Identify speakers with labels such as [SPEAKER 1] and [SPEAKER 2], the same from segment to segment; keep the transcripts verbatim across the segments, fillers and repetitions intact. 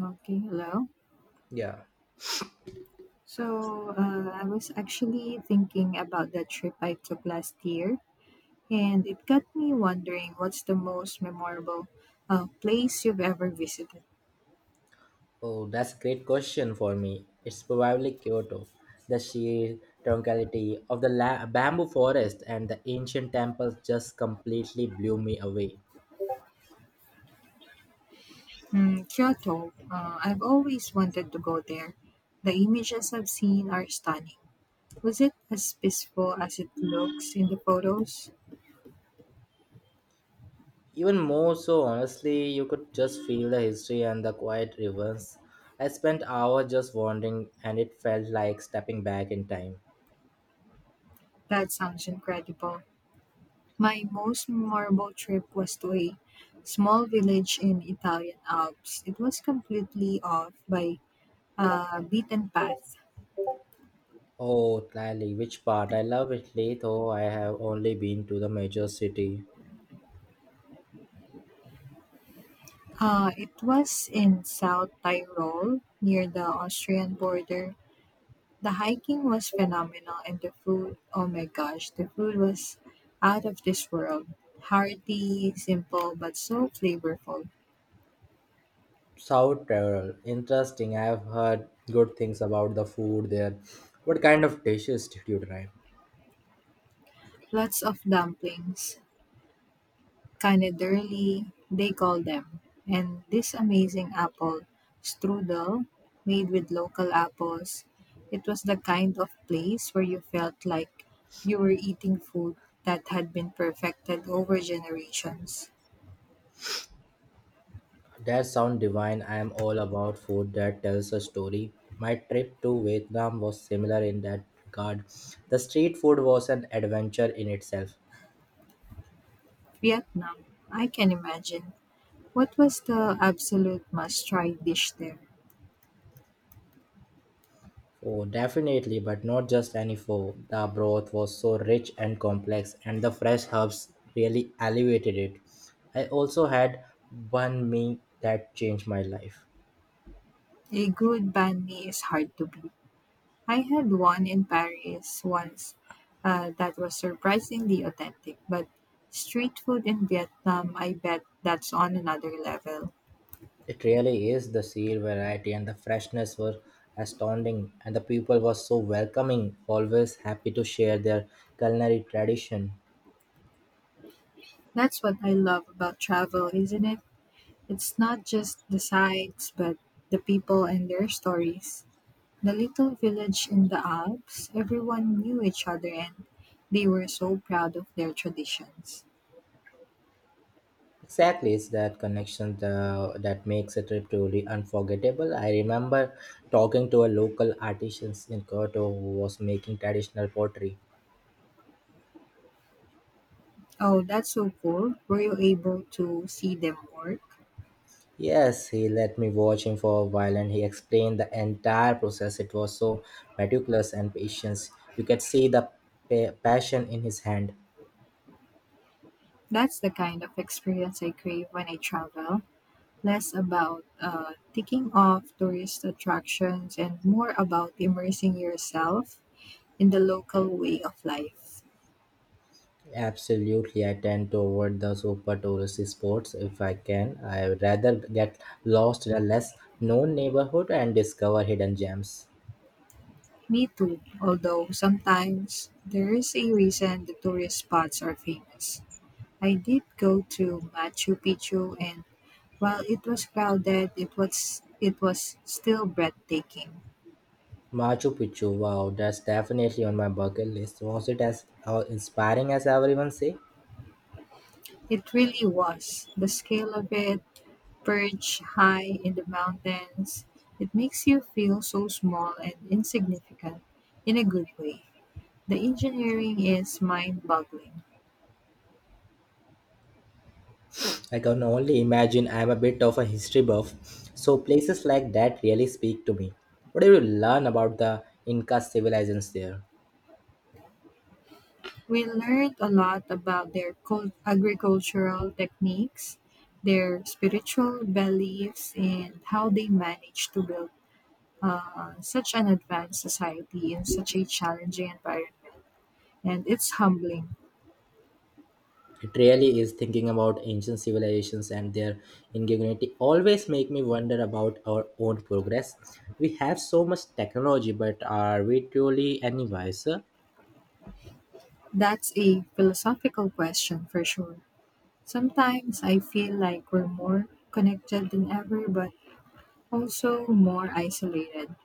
[SPEAKER 1] Okay, hello.
[SPEAKER 2] Yeah.
[SPEAKER 1] So uh, I was actually thinking about that trip I took last year, and it got me wondering what's the most memorable uh, place you've ever visited?
[SPEAKER 2] Oh, that's a great question for me. It's probably Kyoto. The sheer tranquility of the la- bamboo forest and the ancient temples just completely blew me away.
[SPEAKER 1] Hmm, Kyoto. Uh, I've always wanted to go there. The images I've seen are stunning. Was it as peaceful as it looks in the photos?
[SPEAKER 2] Even more so, honestly, you could just feel the history and the quiet rivers. I spent hours just wandering, and it felt like stepping back in time.
[SPEAKER 1] That sounds incredible. My most memorable trip was to a small village in Italian Alps. It was completely off by a beaten path.
[SPEAKER 2] Oh, Italy, which part? I love Italy, though I have only been to the major city.
[SPEAKER 1] Uh, it was in South Tyrol near the Austrian border. The hiking was phenomenal and the food, oh my gosh, the food was out of this world. Hearty, simple, but so flavorful.
[SPEAKER 2] South Tyrol. Interesting. I've heard good things about the food there. What kind of dishes did you try?
[SPEAKER 1] Lots of dumplings, Kanaderli, they call them. And this amazing apple strudel made with local apples, it was the kind of place where you felt like you were eating food that had been perfected over generations.
[SPEAKER 2] That sound divine. I am all about food that tells a story. My trip to Vietnam was similar in that regard. The street food was an adventure in itself.
[SPEAKER 1] Vietnam, I can imagine. What was the absolute must try dish there?
[SPEAKER 2] Oh, definitely, but not just any pho. The broth was so rich and complex, and the fresh herbs really elevated it. I also had one meal that changed my life.
[SPEAKER 1] A good banh mi is hard to beat. I had one in Paris once uh, that was surprisingly authentic, but street food in Vietnam, I bet that's on another level.
[SPEAKER 2] It really is. The sheer variety and the freshness were astounding, and the people were so welcoming, always happy to share their culinary tradition.
[SPEAKER 1] That's what I love about travel, isn't it? It's not just the sights, but the people and their stories. The little village in the Alps, everyone knew each other and they were so proud of their traditions.
[SPEAKER 2] Exactly, it's that connection the, that makes a trip truly unforgettable. I remember talking to a local artisan in Kyoto who was making traditional pottery.
[SPEAKER 1] Oh, that's so cool. Were you able to see them work?
[SPEAKER 2] Yes, he let me watch him for a while and he explained the entire process. It was so meticulous and patience. You could see the pa- passion in his hand.
[SPEAKER 1] That's the kind of experience I crave when I travel. Less about uh, ticking off tourist attractions and more about immersing yourself in the local way of life.
[SPEAKER 2] Absolutely, I tend toward the super touristy spots if I can. I would rather get lost in a less known neighborhood and discover hidden gems.
[SPEAKER 1] Me too, although sometimes there is a reason the tourist spots are famous. I did go to Machu Picchu and while it was crowded, it was it was still breathtaking.
[SPEAKER 2] Machu Picchu, wow, that's definitely on my bucket list. Was it as uh, inspiring as everyone say?
[SPEAKER 1] It really was. The scale of it, perch high in the mountains. It makes you feel so small and insignificant in a good way. The engineering is mind boggling.
[SPEAKER 2] I can only imagine. I'm a bit of a history buff, so places like that really speak to me. What do you learn about the Inca civilizations there?
[SPEAKER 1] We learned a lot about their cul- agricultural techniques, their spiritual beliefs, and how they managed to build uh, such an advanced society in such a challenging environment. And it's humbling.
[SPEAKER 2] It really is. Thinking about ancient civilizations and their ingenuity always make me wonder about our own progress. We have so much technology, but are we truly any wiser?
[SPEAKER 1] That's a philosophical question for sure. Sometimes I feel like we're more connected than ever, but also more isolated.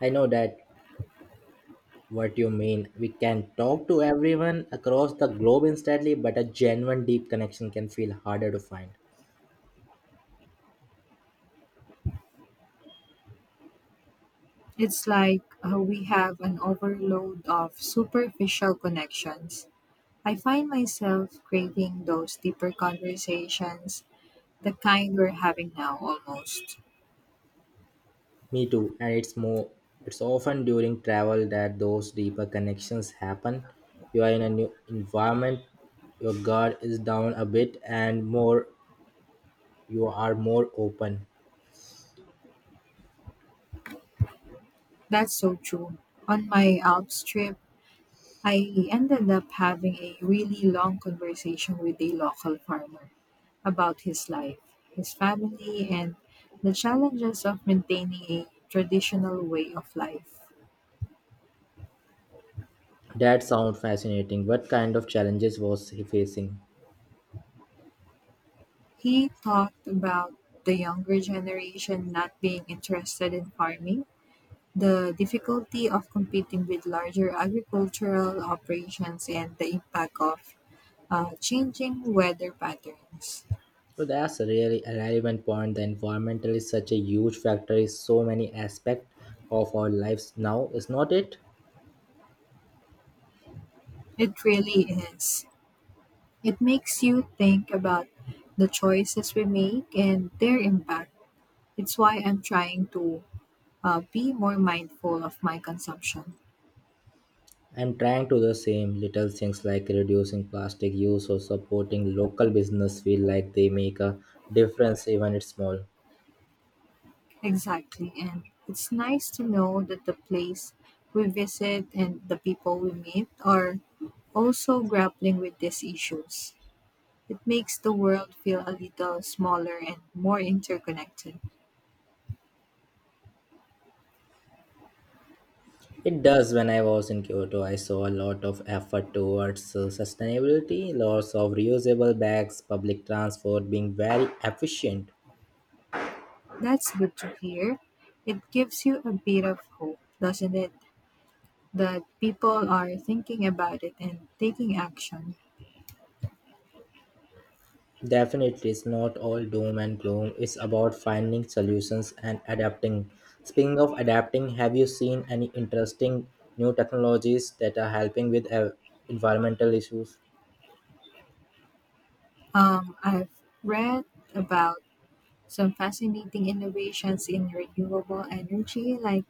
[SPEAKER 2] I know that what you mean. We can talk to everyone across the globe instantly, but a genuine deep connection can feel harder to find.
[SPEAKER 1] It's like uh, we have an overload of superficial connections. I find myself craving those deeper conversations, the kind we're having now almost.
[SPEAKER 2] Me too, and it's more it's often during travel that those deeper connections happen. You are in a new environment, your guard is down a bit, and more you are more open.
[SPEAKER 1] That's so true. On my Alps trip, I ended up having a really long conversation with a local farmer about his life, his family, and the challenges of maintaining a traditional way of life.
[SPEAKER 2] That sounds fascinating. What kind of challenges was he facing?
[SPEAKER 1] He talked about the younger generation not being interested in farming, the difficulty of competing with larger agricultural operations, and the impact of uh, changing weather patterns.
[SPEAKER 2] So that's a really a relevant point. The environment is such a huge factor in so many aspects of our lives now, is not it?
[SPEAKER 1] It really is. It makes you think about the choices we make and their impact. It's why I'm trying to uh, be more mindful of my consumption.
[SPEAKER 2] I'm trying to do the same. Little things like reducing plastic use or supporting local business feel like they make a difference, even it's small.
[SPEAKER 1] Exactly. And it's nice to know that the place we visit and the people we meet are also grappling with these issues. It makes the world feel a little smaller and more interconnected.
[SPEAKER 2] It does. When I was in Kyoto, I saw a lot of effort towards uh, sustainability, lots of reusable bags, public transport being very efficient.
[SPEAKER 1] That's good to hear. It gives you a bit of hope, doesn't it? That people are thinking about it and taking action.
[SPEAKER 2] Definitely, it's not all doom and gloom. It's about finding solutions and adapting. Speaking of adapting, have you seen any interesting new technologies that are helping with uh, environmental issues?
[SPEAKER 1] Um, I've read about some fascinating innovations in renewable energy, like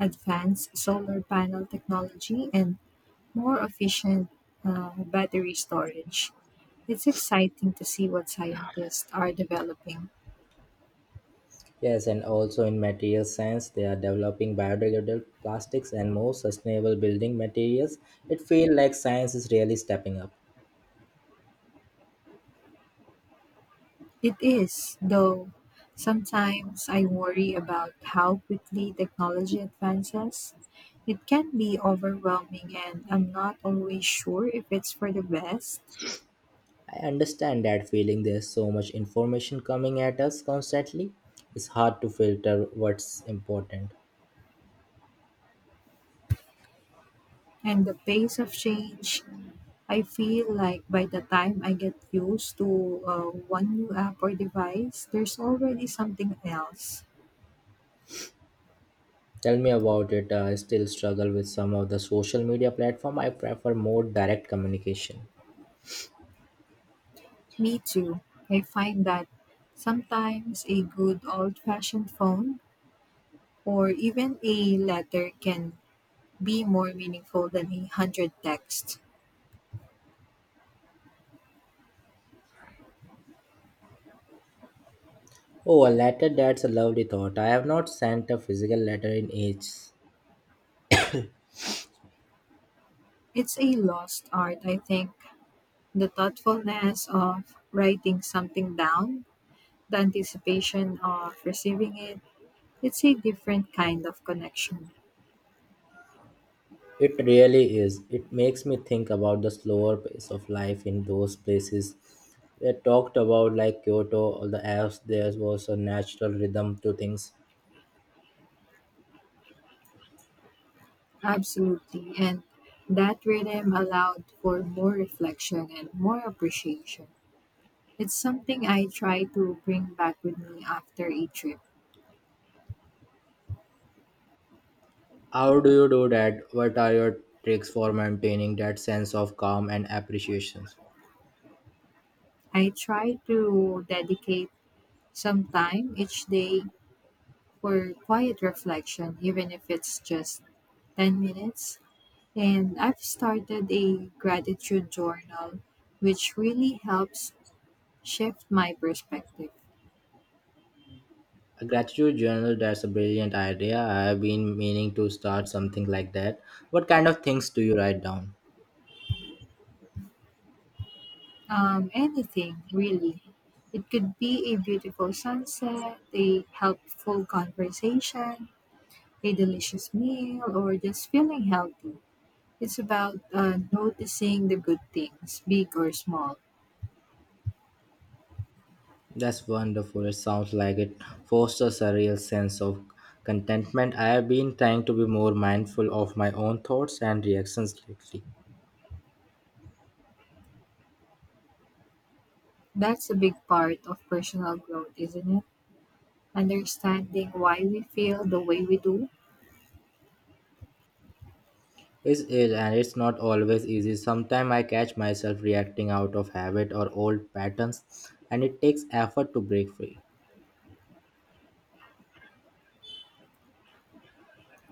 [SPEAKER 1] advanced solar panel technology and more efficient uh, battery storage. It's exciting to see what scientists are developing.
[SPEAKER 2] Yes, and also in material science, they are developing biodegradable plastics and more sustainable building materials. It feels like science is really stepping up.
[SPEAKER 1] It is, though sometimes I worry about how quickly technology advances. It can be overwhelming, and I'm not always sure if it's for the best.
[SPEAKER 2] I understand that feeling. There's so much information coming at us constantly. It's hard to filter what's important.
[SPEAKER 1] And the pace of change, I feel like by the time I get used to uh, one new app or device, there's already something else.
[SPEAKER 2] Tell me about it. Uh, I still struggle with some of the social media platform. I prefer more direct communication.
[SPEAKER 1] Me too. I find that sometimes a good old fashioned phone or even a letter can be more meaningful than a hundred texts.
[SPEAKER 2] Oh, a letter, that's a lovely thought. I have not sent a physical letter in ages.
[SPEAKER 1] It's a lost art, I think. The thoughtfulness of writing something down, the anticipation of receiving it, it's a different kind of connection.
[SPEAKER 2] It really is. It makes me think about the slower pace of life in those places they talked about, like Kyoto or the Alps. There was a natural rhythm to things.
[SPEAKER 1] Absolutely. And that rhythm allowed for more reflection and more appreciation. It's something I try to bring back with me after a trip.
[SPEAKER 2] How do you do that? What are your tricks for maintaining that sense of calm and appreciation?
[SPEAKER 1] I try to dedicate some time each day for quiet reflection, even if it's just ten minutes. And I've started a gratitude journal, which really helps shift my perspective.
[SPEAKER 2] A gratitude journal, that's a brilliant idea. I have been meaning to start something like that. What kind of things do you write down?
[SPEAKER 1] Um, anything, really. It could be a beautiful sunset, a helpful conversation, a delicious meal, or just feeling healthy. It's about uh, noticing the good things, big or small.
[SPEAKER 2] That's wonderful. It sounds like it fosters a real sense of contentment. I have been trying to be more mindful of my own thoughts and reactions lately.
[SPEAKER 1] That's a big part of personal growth, isn't it? Understanding why we feel the way we do.
[SPEAKER 2] It's, it, and it's not always easy. Sometimes I catch myself reacting out of habit or old patterns, and it takes effort to break free.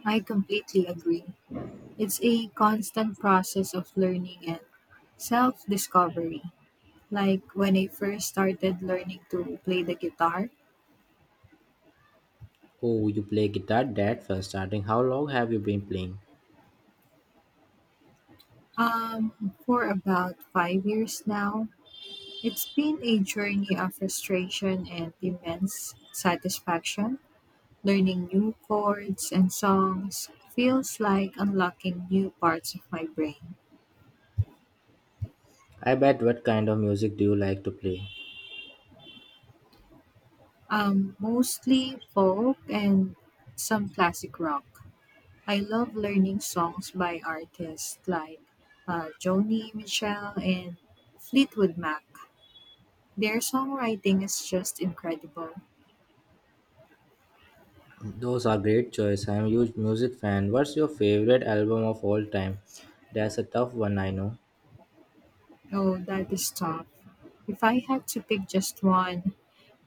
[SPEAKER 1] I completely agree. It's a constant process of learning and self discovery. Like when I first started learning to play the guitar,
[SPEAKER 2] Oh, you play guitar, Dad, for starting. How long have you been playing?
[SPEAKER 1] um, for about five years now, it's been a journey of frustration and immense satisfaction. Learning new chords and songs feels like unlocking new parts of my brain.
[SPEAKER 2] I bet. What kind of music do you like to play?
[SPEAKER 1] Um, mostly folk and some classic rock. I love learning songs by artists like uh, Joni Mitchell and Fleetwood Mac. Their songwriting is just incredible.
[SPEAKER 2] Those are great choice. I'm a huge music fan. What's your favorite album of all time? That's a tough one, I know.
[SPEAKER 1] Oh, that is tough. If I had to pick just one,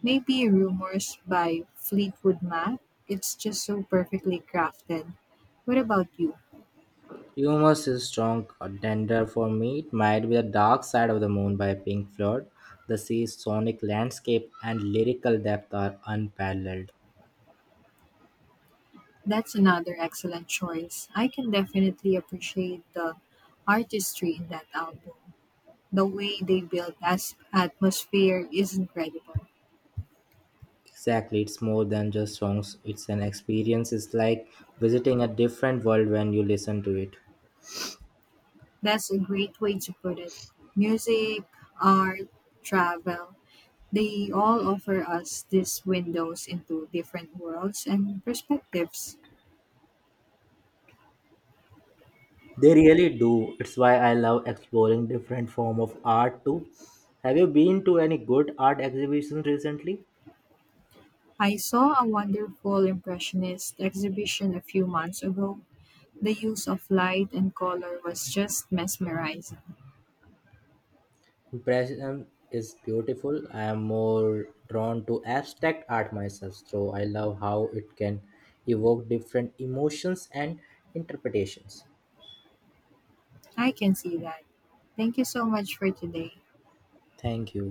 [SPEAKER 1] maybe Rumors by Fleetwood Mac. It's just so perfectly crafted. What about you?
[SPEAKER 2] Humorous is strong contender for me. It might be The Dark Side of the Moon by Pink Floyd. The sea's sonic landscape and lyrical depth are unparalleled.
[SPEAKER 1] That's another excellent choice. I can definitely appreciate the artistry in that album. The way they built as atmosphere is incredible.
[SPEAKER 2] Exactly, it's more than just songs. It's an experience. It's like visiting a different world when you listen to it.
[SPEAKER 1] That's a great way to put it. Music, art, travel, they all offer us these windows into different worlds and perspectives.
[SPEAKER 2] They really do. It's why I love exploring different form of art too. Have you been to any good art exhibitions recently?
[SPEAKER 1] I saw a wonderful impressionist exhibition a few months ago. The use of light and color was just mesmerizing.
[SPEAKER 2] Impressionism is beautiful. I am more drawn to abstract art myself, so I love how it can evoke different emotions and interpretations.
[SPEAKER 1] I can see that. Thank you so much for today.
[SPEAKER 2] Thank you.